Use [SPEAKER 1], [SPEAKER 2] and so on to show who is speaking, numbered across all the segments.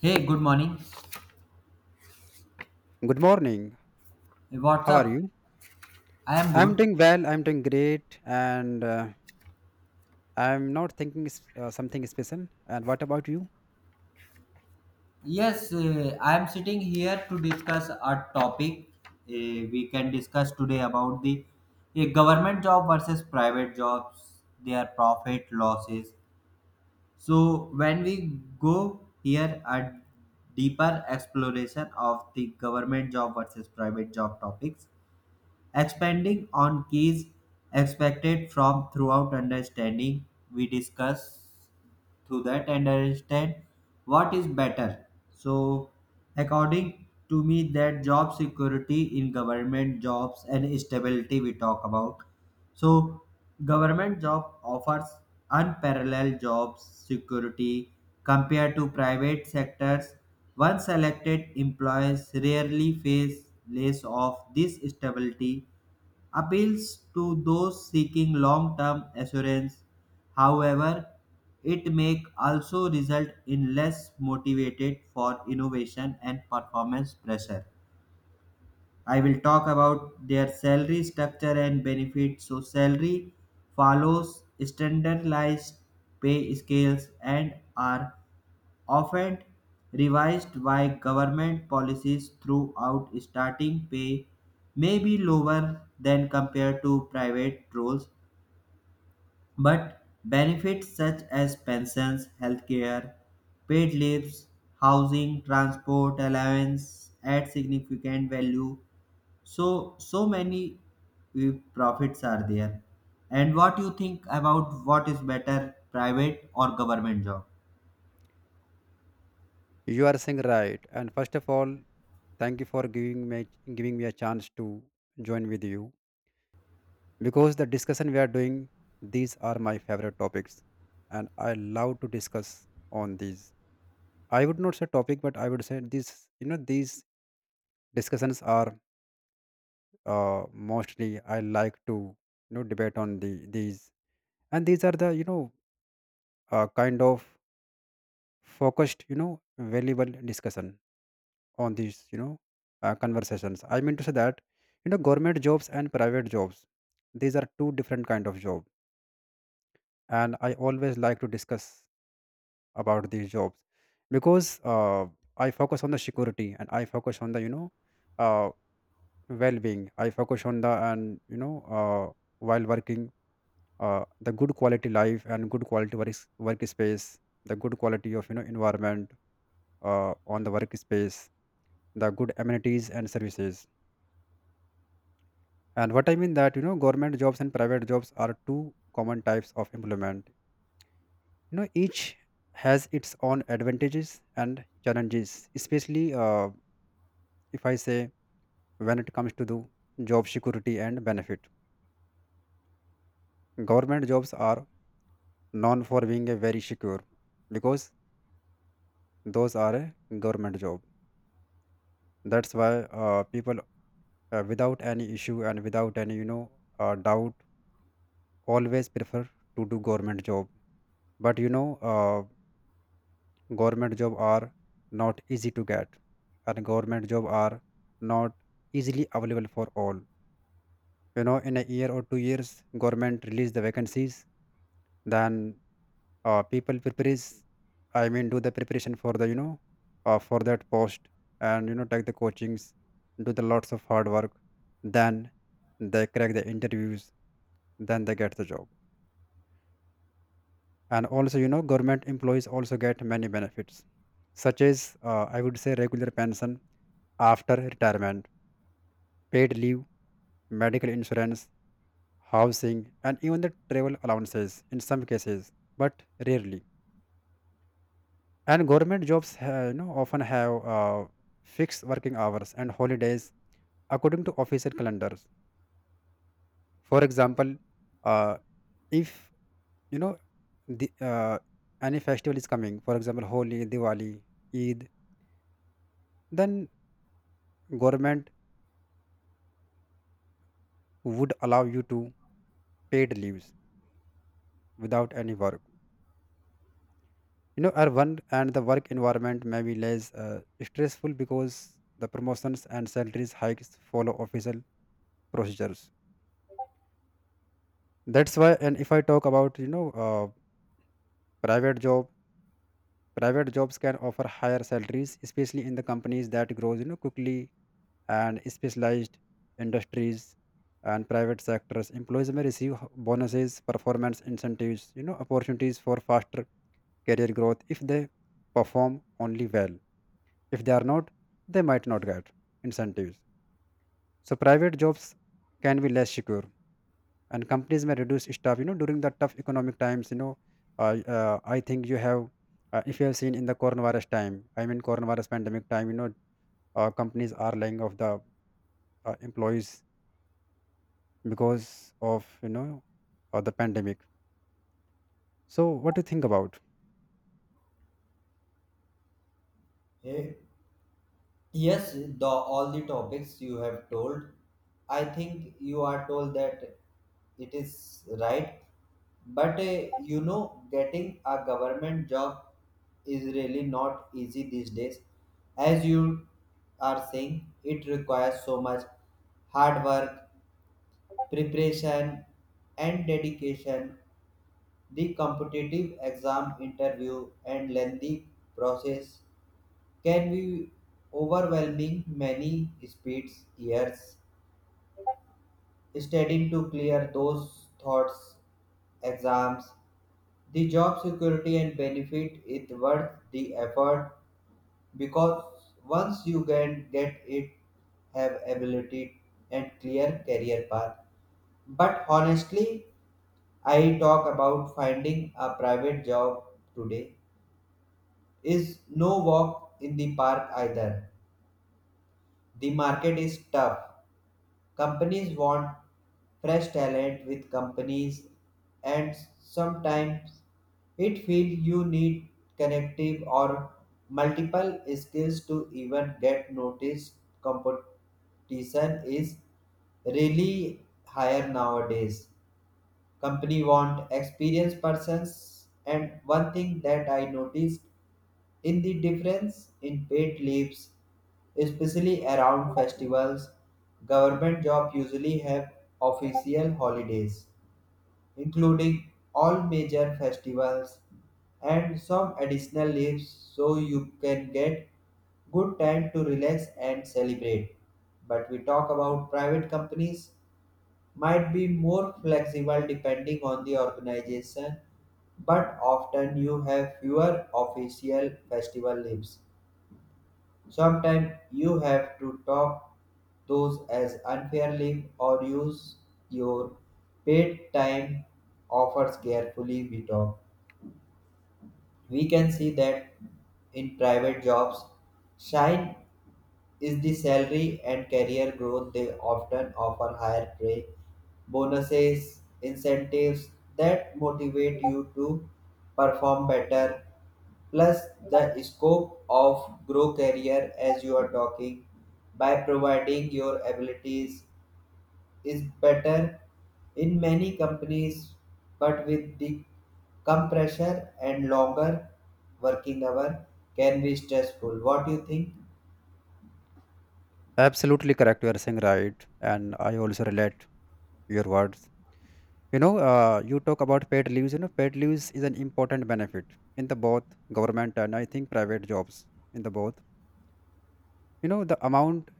[SPEAKER 1] Hey, good morning.
[SPEAKER 2] Good morning.
[SPEAKER 1] What's
[SPEAKER 2] How are
[SPEAKER 1] up?
[SPEAKER 2] you?
[SPEAKER 1] I am
[SPEAKER 2] I'm
[SPEAKER 1] good.
[SPEAKER 2] doing well. I'm doing great, and I'm not thinking something special. And what about you?
[SPEAKER 1] Yes, I am sitting here to discuss a topic we can discuss today about the government job versus private jobs, their profit losses. So, when we go here a deeper exploration of the government job versus private job topics, expanding on keys expected from throughout understanding we discuss through that and understand what is better. So, according to me, that job security in government jobs and stability we talk about. So, government job offers unparalleled job security compared to private sectors. Once selected, employees rarely face less of this stability appeals to those seeking long-term assurance. However, it may also result in less motivated for innovation and performance pressure. I will talk about their salary structure and benefits. So salary follows standardized pay scales and are often revised by government policies throughout starting pay may be lower than compared to private roles but benefits such as pensions healthcare paid leaves housing transport allowance add significant value so so many profits are there and what you think about what is better private or government job?
[SPEAKER 2] You are saying right. And first of all, thank you for giving me a chance to join with you because the discussion we are doing, these are my favorite topics, and I love to discuss on these. I would not say topic, but I would say these. You know, these discussions are mostly I like to debate on these, and these are the kind of focused, valuable discussion on these, conversations. I mean to say that, you know, government jobs and private jobs, these are two different kind of job, and I always like to discuss about these jobs because I focus on the security, and I focus on the uh, well-being. I focus on the, and you know, while working, the good quality life and good quality work workspace, the good quality of, you know, environment on the workspace, the good amenities and services. And what I mean that, you know, government jobs and private jobs are two common types of employment. You know, each has its own advantages and challenges, especially if I say, when it comes to the job security and benefit. Government jobs are known for being a very secure because those are a government job. That's why people, without any issue and without any, doubt, always prefer to do government job. But you know, government job are not easy to get, and government job are not easily available for all. You know, in a year or 2 years, government release the vacancies, then people prepares, I mean do the preparation for the, for that post. And you know, take the coachings, do the lots of hard work, then they crack the interviews, then they get the job. And also you know, government employees also get many benefits such as, I would say, regular pension after retirement, paid leave, medical insurance, housing, and even the travel allowances in some cases, but rarely. And government jobs you know often have fixed working hours and holidays according to official calendars. For example, uh, if you know, the any festival is coming, for example Holi, Diwali, Eid, then government would allow you to paid leaves without any work. You know, our one, and the work environment may be less stressful because the promotions and salaries hikes follow official procedures, that's why. And if I talk about, you know, private job, private jobs can offer higher salaries, especially in the companies that grows, you know, quickly, and specialized industries. And private sectors employees may receive bonuses, performance incentives, you know, opportunities for faster career growth if they perform only well. If they are not, they might not get incentives. So private jobs can be less secure, and companies may reduce staff, you know, during the tough economic times. You know, I think you have, if you have seen in the coronavirus time, I mean coronavirus pandemic time, you know, companies are laying off the employees because of, you know, the pandemic. So what do you think about?
[SPEAKER 1] Yeah. Yes, the all the topics you have told, I think you are told that it is right. But you know, getting a government job is really not easy these days. As you are saying, it requires so much hard work, preparation, and dedication. The competitive exam interview and lengthy process can be overwhelming many speeds years studying to clear those thoughts exams the job security and benefit it worth the effort because once you can get it have ability and clear career path but honestly I talk about finding a private job today is no walk in the park either. The market is tough. Companies want fresh talent with companies, and sometimes it feels you need connective or multiple skills to even get noticed. Competition is really higher nowadays. Company want experienced persons and one thing that I noticed in the difference in paid leaves especially around festivals. Government jobs usually have official holidays including all major festivals and some additional leaves so you can get good time to relax and celebrate but we talk about private companies might be more flexible depending on the organization, but often you have fewer official festival leaves. Sometimes you have to top those as unfair leave or use your paid time offers carefully. We talk. We can see that in private jobs, shine is the salary and career growth. They often offer higher pay, bonuses, incentives that motivate you to perform better, plus the scope of grow career as you are talking by providing your abilities is better in many companies but with the compression and longer working hour can be stressful. What do you think?
[SPEAKER 2] Absolutely correct. You are saying right, and I also relate your words. You know, you talk about paid leaves. You know, paid leaves is an important benefit in the both government and, I think, private jobs. In the both, you know, the amount,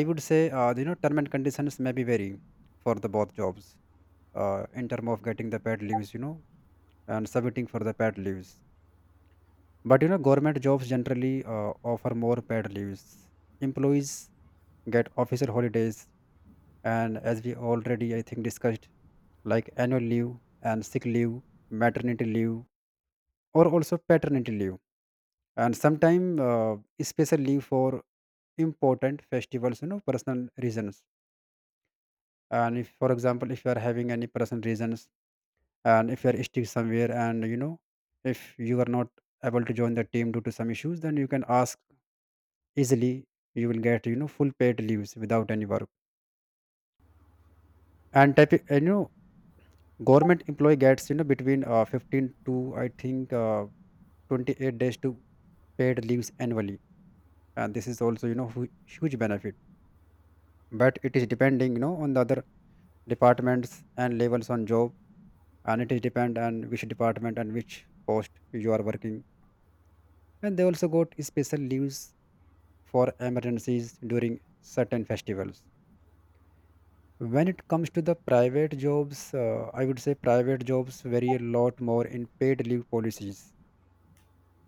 [SPEAKER 2] I would say, you know, term and conditions may be vary for the both jobs in term of getting the paid leaves, you know, and submitting for the paid leaves. But you know, government jobs generally offer more paid leaves. Employees get official holidays, and as we already, I think, discussed, like annual leave and sick leave, maternity leave, or also paternity leave, and sometimes special leave for important festivals, you know, personal reasons. And if, for example, if you are having any personal reasons, and if you are stuck somewhere, and you know, if you are not able to join the team due to some issues, then you can ask easily. You will get, you know, full paid leaves without any work and type. And you know, government employee gets, you know, between 15 to, I think, 28 days to paid leaves annually. And this is also, you know, huge benefit, but it is depending, you know, on the other departments and levels on job, and it is depend on which department and which post you are working. And they also got special leaves for emergencies during certain festivals. When it comes to the private jobs, I would say, private jobs vary a lot more in paid leave policies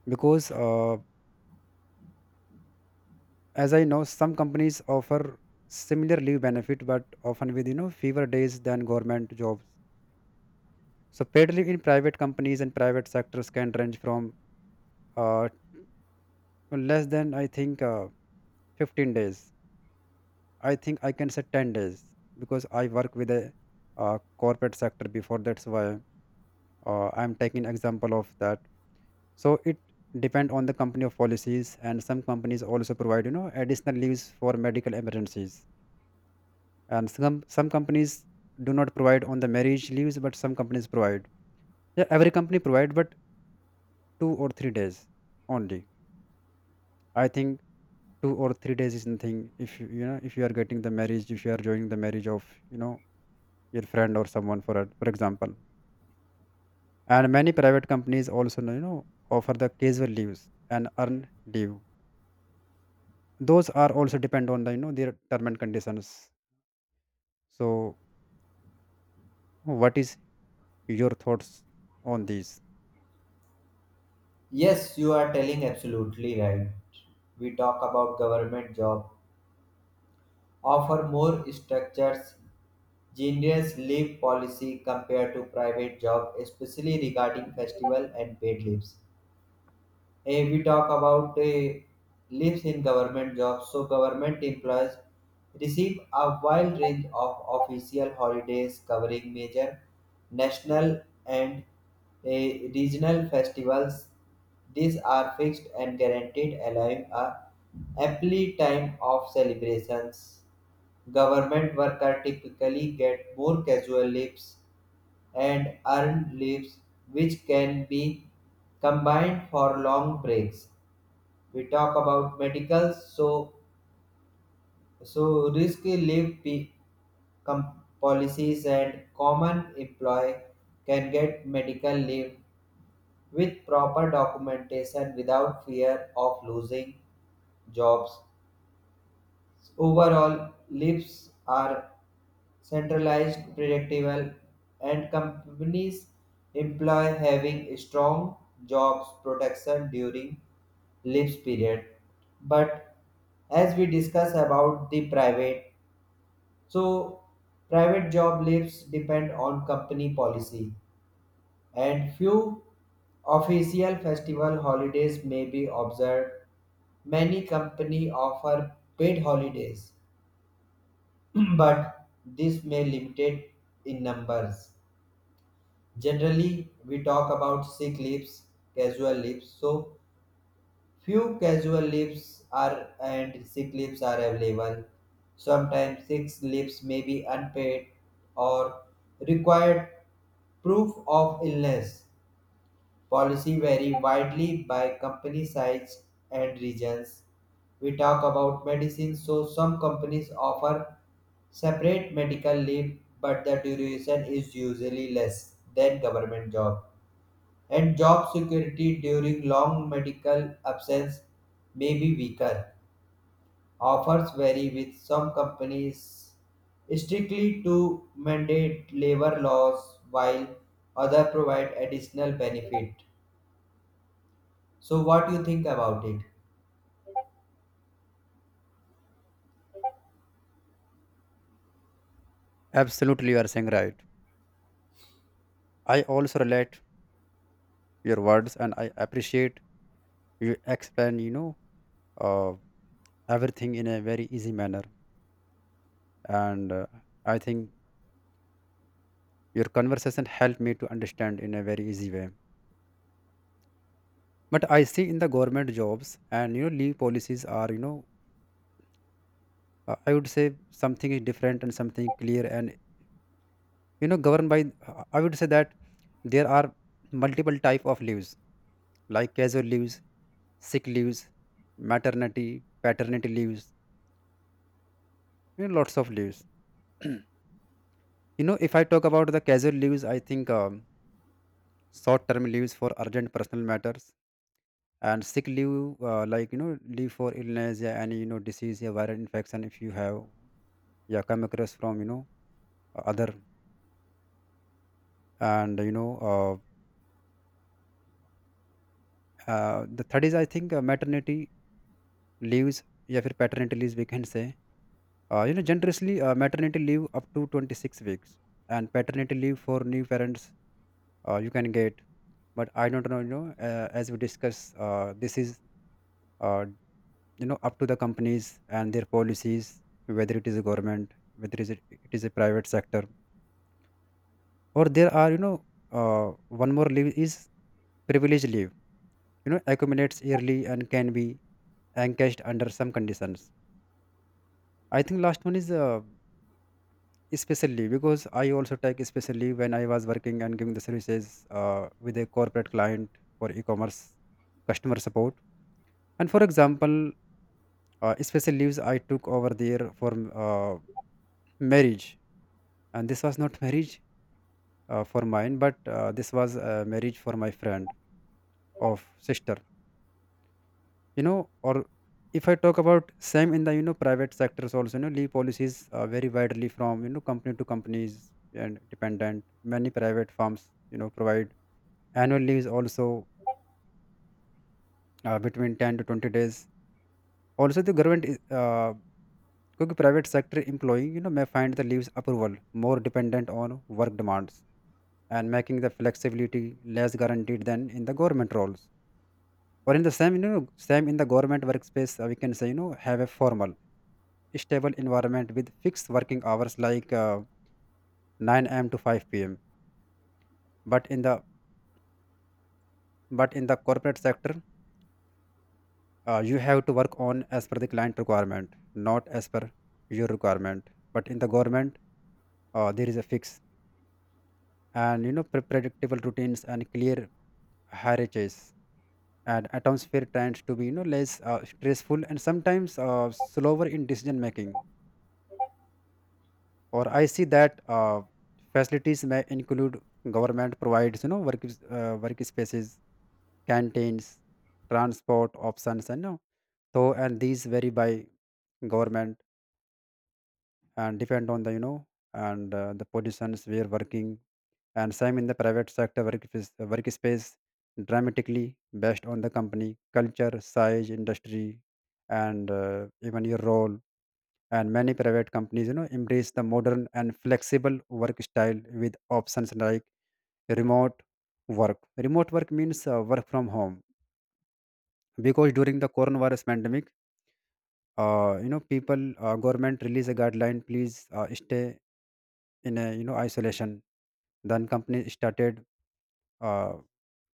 [SPEAKER 2] because as I know, some companies offer similar leave benefit, but often with, you know, fewer days than government jobs. So paid leave in private companies and private sectors can range from uh, less than, I think, 15 days. I think I can say 10 days because I work with a corporate sector before, that's why I'm taking example of that. So it depend on the company of policies, and some companies also provide, you know, additional leaves for medical emergencies. And some companies do not provide on the marriage leaves, but some companies provide. Yeah, every company provide, but 2 or 3 days only, I think. 2 or 3 days is nothing if you you know if you are getting the marriage, if you are joining the marriage of, you know, your friend or someone for for example. And many private companies also, you know, offer the casual leaves and earn leave. Those are also depend on the, you know, their term and conditions. So what is your thoughts on these?
[SPEAKER 1] Yes, you are telling absolutely right. We talk about government job offer more structures, generous leave policy compared to private job, especially regarding festival and paid leaves. Eh, we talk about eh, lives in government jobs. So government employees receive a wide range of official holidays covering major national and eh, regional festivals. These are fixed and guaranteed, allowing a ample time of celebrations. Government workers typically get more casual leaves and earned leaves, which can be combined for long breaks. We talk about medical so so risk leave p- com- policies and common employee can get medical leave with proper documentation without fear of losing jobs. Overall leaves are centralized, predictable, and companies employ having strong jobs protection during leave period. But as we discuss about the private, so private job leaves depend on company policy, and few official festival holidays may be observed. Many company offer paid holidays, but this may limited in numbers. Generally, we talk about sick leaves, casual leaves. So, few casual leaves are and sick leaves are available. Sometimes sick leaves may be unpaid or required proof of illness. Policy vary widely by company size and regions. We talk about medicine, so some companies offer separate medical leave, but the duration is usually less than government job and job security during long medical absence may be weaker. Offers vary with some companies strictly to mandate labor laws while other provide additional benefit. So what do you think about it?
[SPEAKER 2] Absolutely, you are saying right. I also relate your words, and I appreciate you explain, you know, uh, everything in a very easy manner. And I think your conversation helped me to understand in a very easy way. But I see in the government jobs, and you know, leave policies are, you know, I would say something is different and something clear, and you know, governed by I would say that there are multiple type of leaves like casual leaves, sick leaves, maternity, paternity leaves, you know, lots of leaves. You know, if I talk about the casual leaves, I think, short term leaves for urgent personal matters. And sick leave, like you know, leave for illness, yeah, any you know, disease, yeah, viral infection, if you have, yeah, come across from, you know, other. And you know, the third is, I think, maternity leaves, या फिर paternity leave we can say. You know, generously, maternity leave up to 26 weeks and paternity leave for new parents you can get. But I don't know, you know, as we discuss, this is, uh, you know, up to the companies and their policies, whether it is a government, whether it is a private sector. Or there are, you know, one more leave is privilege leave, you know, accumulates yearly and can be encashed under some conditions. I think last one is especially, because I also take especially when I was working and giving the services with a corporate client for e-commerce customer support. And for example, special leaves I took over there for uh, marriage, and this was not marriage for mine, but this was marriage for my friend of sister. You know, or if I talk about same in the, you know, private sectors also, you know, leave policies vary widely from, you know, company to companies and dependent. Many private firms provide annual leaves also between 10 to 20 days. Also the government is क्योंकि private sector employee may find the leaves approval more dependent on work demands, and making the flexibility less guaranteed than in the government roles. Or in the same, same in the government workspace, we can say have a formal, stable environment with fixed working hours like 9 a.m. to 5 p.m., but in the but in the corporate sector, you have to work on as per the client requirement, not as per your requirement. But in the government, there is a fix and predictable routines and clear hierarchies, and atmosphere tends to be less stressful, and sometimes slower in decision making. Or I see that facilities may include government provides work workspaces, canteens, transport options, and so, and these vary by government and depend on the, and the positions we are working. And same in the private sector work workspace dramatically based on the company culture, size, industry, and even your role. And many private companies embrace the modern and flexible work style with options like remote work. Remote work means work from home, because during the coronavirus pandemic, people government release a guideline, please stay in a, isolation. Then company started uh,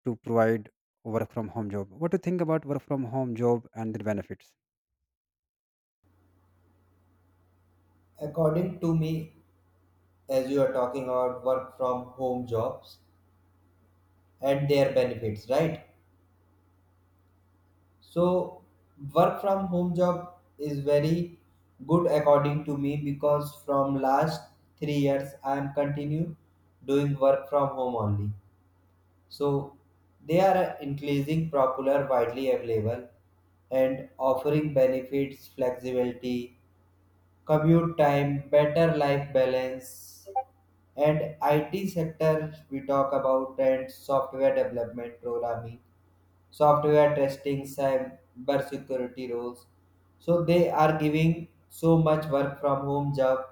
[SPEAKER 2] to provide work from home job. What do you think about work from home job and the benefits?
[SPEAKER 1] According to me, as you are talking about work from home jobs and their benefits, right? So work from home job is very good according to me because from last 3 years I am continue doing work from home only. So they are increasing popular widely available and offering benefits, flexibility, commute time, better life balance, and IT sector we talk about and software development programming, software testing, cyber security roles. So they are giving so much work from home job,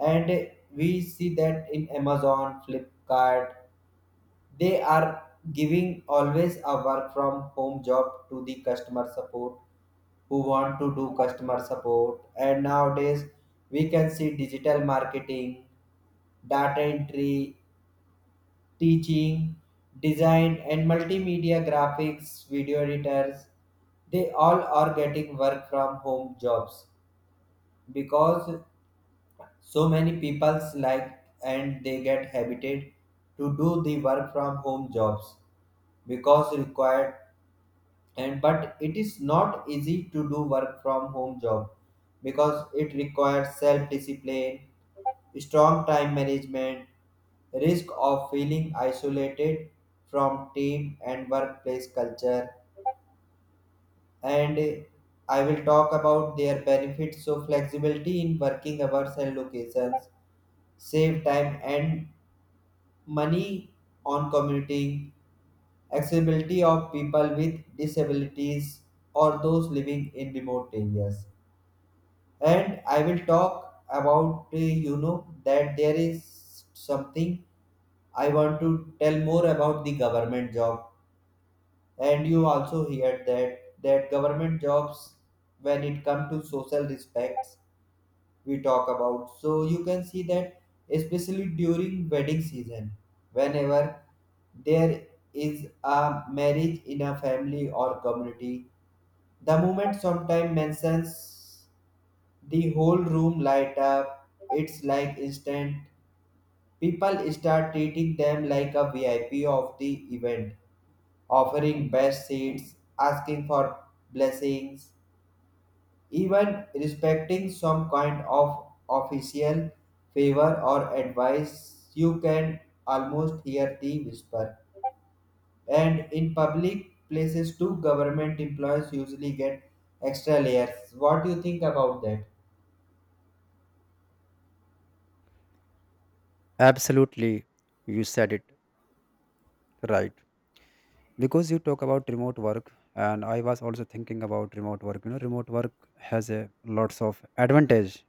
[SPEAKER 1] and we see that in Amazon, Flipkart, they are giving always a work from home job to the customer support who want to do customer support. And nowadays, we can see digital marketing, data entry, teaching, design, and multimedia graphics, video editors, they all are getting work from home jobs because so many people's like and they get habited to do the work from home jobs because required. And but it is not easy to do work from home job because it requires self discipline, strong time management, risk of feeling isolated from team and workplace culture. And I will talk about their benefits, so flexibility in working hours and locations, save time and money on commuting, accessibility of people with disabilities or those living in remote areas. And I will talk about you know that there is something I want to tell more about the government job, and you also heard that that government jobs when it comes to social respects we talk about. So you can see that especially during wedding season, whenever there is a marriage in a family or community, the moment sometime mentions the whole room light up. It's like instant. People start treating them like a VIP of the event, offering best seats, asking for blessings, even respecting some kind of official favor or advice. You can almost hear the whisper and in public places too government employees usually get extra layers. What do you think about that?
[SPEAKER 2] Absolutely, you said it right. Because you talk about remote work, and I was also thinking about remote work. Remote work has a lots of advantage,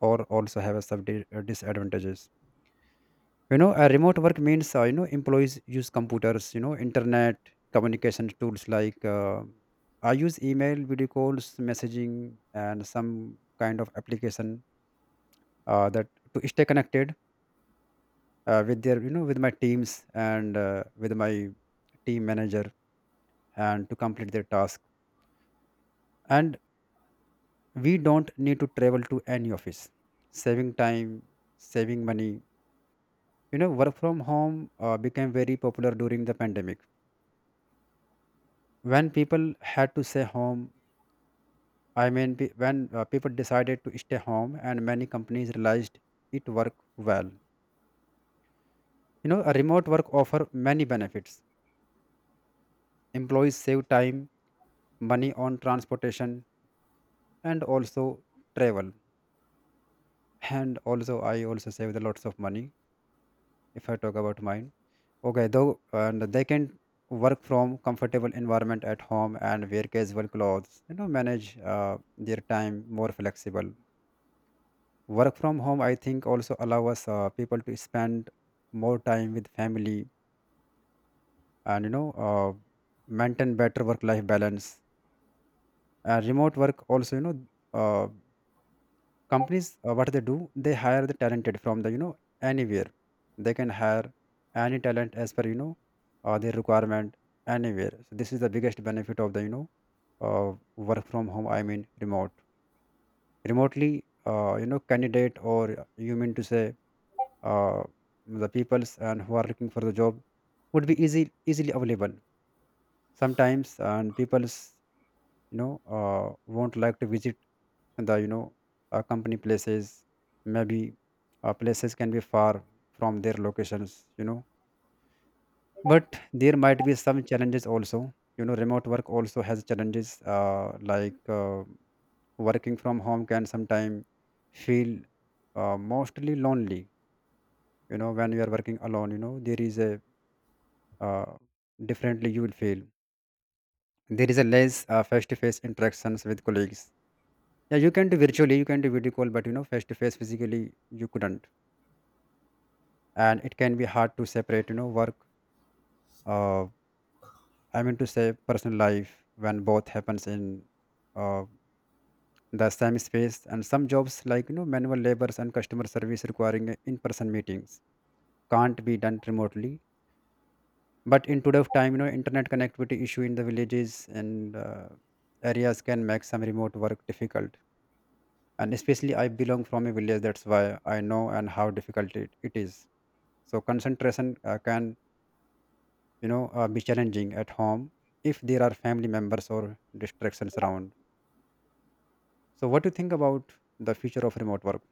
[SPEAKER 2] or also have a disadvantages. A remote work means employees use computers, internet communication tools like I use email, video calls, messaging, and some kind of application that to stay connected with their, with my teams, and with my team manager, and to complete their task. And we don't need to travel to any office, saving time, saving money. Work from home became very popular during the pandemic when people had to stay home. I mean, when people decided to stay home, and many companies realized it worked well. A remote work offer many benefits. Employees save time, money on transportation, and also travel, and also I also save the lots of money if I talk about mine. Okay though, and they can work from comfortable environment at home and wear casual clothes, manage their time more flexible. Work from home I think also allow us people to spend more time with family, and maintain better work life balance. Remote work also, uh, companies, what they do, they hire the talented from the, anywhere, they can hire any talent as per, their requirement anywhere. So this is the biggest benefit of the, work from home, I mean remote, remotely, candidate, or you mean to say, uh, the peoples and who are looking for the job would be easy easily available. Sometimes and peoples won't like to visit the, company places. Maybe places can be far from their locations, you know. But there might be some challenges also. Remote work also has challenges like working from home can sometimes feel mostly lonely. When you are working alone, there is a uh, differently you will feel, there is a less face-to-face interactions with colleagues. Yeah, you can do virtually, you can do video call, but face-to-face physically you couldn't. And it can be hard to separate work, uh, I mean to say personal life, when both happens in, uh, the same space. And some jobs like, manual labors and customer service requiring in-person meetings can't be done remotely. But in today's time, internet connectivity issue in the villages and areas can make some remote work difficult. And especially I belong from a village, that's why I know and how difficult it is. So concentration can, be challenging at home if there are family members or distractions around. So what do you think about the future of remote work?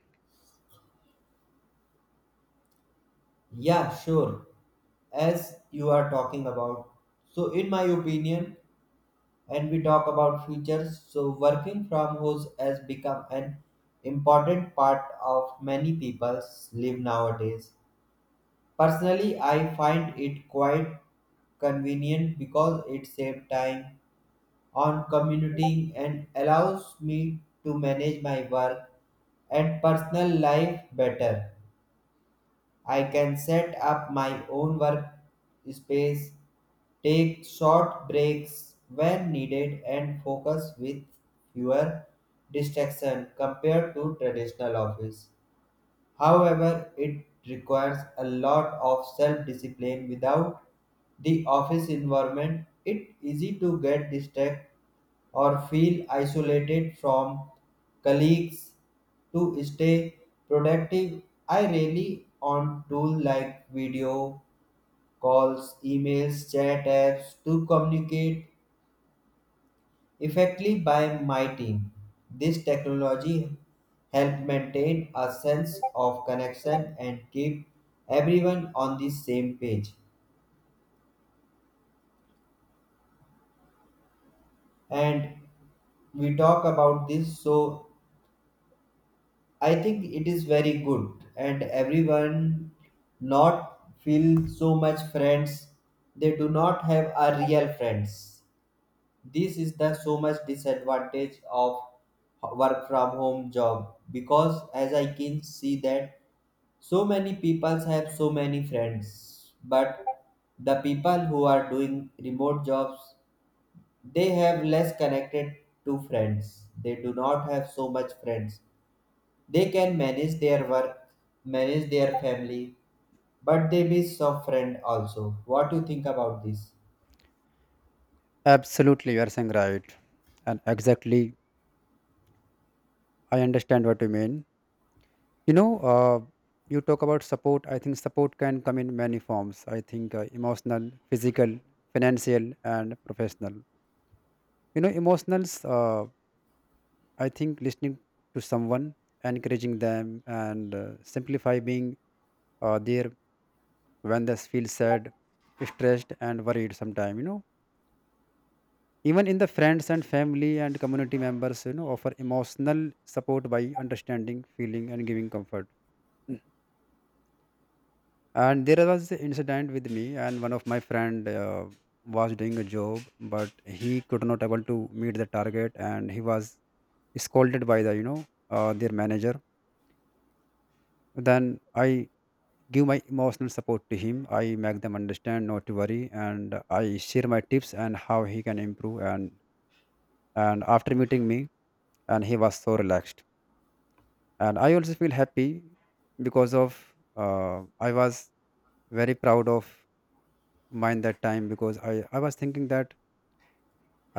[SPEAKER 1] Yeah, sure. As you are talking about, so in my opinion and we talk about futures, so working from home has become an important part of many people's live nowadays. Personally, I find it quite convenient because it saves time on commuting and allows me to manage my work and personal life better. I can set up my own work space, take short breaks when needed, and focus with fewer distractions compared to traditional office. However, it requires a lot of self discipline. Without the office environment, it's easy to get distracted or feel isolated from colleagues. To stay productive, I rely on tools like video calls, emails, chat apps to communicate effectively by my team. This technology helped maintain a sense of connection and keep everyone on the same page. And we talk about this, so I think it is very good, and everyone not feel so much friends. They do not have a real friends. This is the so much disadvantage of work from home job because as I can see that so many people have so many friends, but the people who are doing remote jobs, they have less connected to friends. They do not have so much friends. They can manage their work, manage their family, but they miss some friend also. What do you think about this?
[SPEAKER 2] Absolutely, you are saying right, and exactly, I understand what you mean. you know uh, you talk about support. I think support can come in many forms. I think emotional, physical, financial, and professional. Emotionals, I think listening to someone, encouraging them, and simplify being there when they feel sad, stressed, and worried sometime. Even in the friends and family and community members, offer emotional support by understanding feeling and giving comfort. And there was an incident with me, and one of my friend was doing a job, but he could not able to meet the target, and he was scolded by the, their manager. Then I give my emotional support to him, I make them understand not to worry, and I share my tips and how he can improve. And after meeting me, and he was so relaxed, and I also feel happy, because of I was very proud of mind that time, because I was thinking that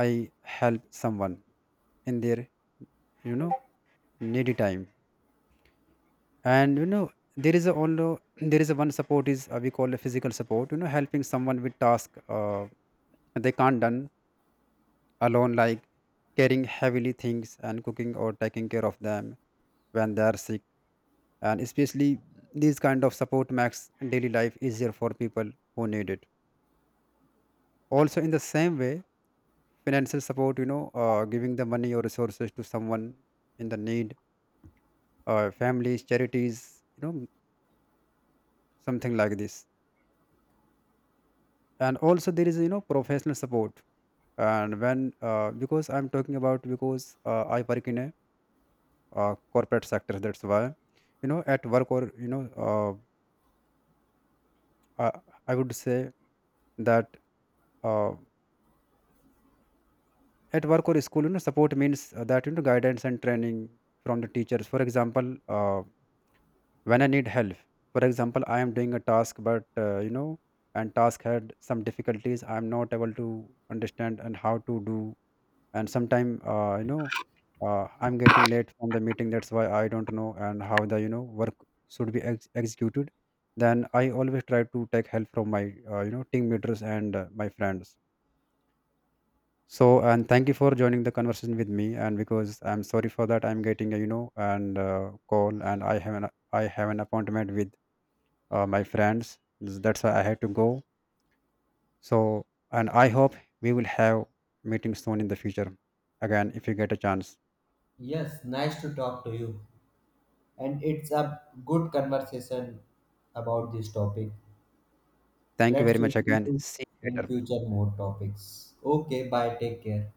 [SPEAKER 2] I help someone in their, you know needy time. And there is a only there is a one support is we call a physical support, helping someone with task they can't done alone, like carrying heavily things and cooking or taking care of them when they are sick. And especially these kind of support makes daily life easier for people who need it. Also in the same way, financial support, giving the money or resources to someone in the need, families, charities, you know something like this. And also there is, professional support. And when because I'm talking about, because I work in a corporate sector, that's why, at work or, I, I would say that uh, at work or school, support means that, guidance and training from the teachers, for example when I need help. For example, I am doing a task but and task had some difficulties, I am not able to understand and how to do. And sometime I'm getting late from the meeting, that's why I don't know and how the, work should be executed. Then I always try to take help from my, team leaders and my friends. So, and thank you for joining the conversation with me. And because I'm sorry for that, I'm getting a, and call, and I have an appointment with my friends. That's why I had to go. So, and I hope we will have meeting soon in the future again if you get a chance.
[SPEAKER 1] Yes, nice to talk to you. And it's a good conversation about this topic.
[SPEAKER 2] Thank you
[SPEAKER 1] Let's
[SPEAKER 2] very much
[SPEAKER 1] do
[SPEAKER 2] again. See you
[SPEAKER 1] in
[SPEAKER 2] later.
[SPEAKER 1] future more topics. Okay, bye. Take care.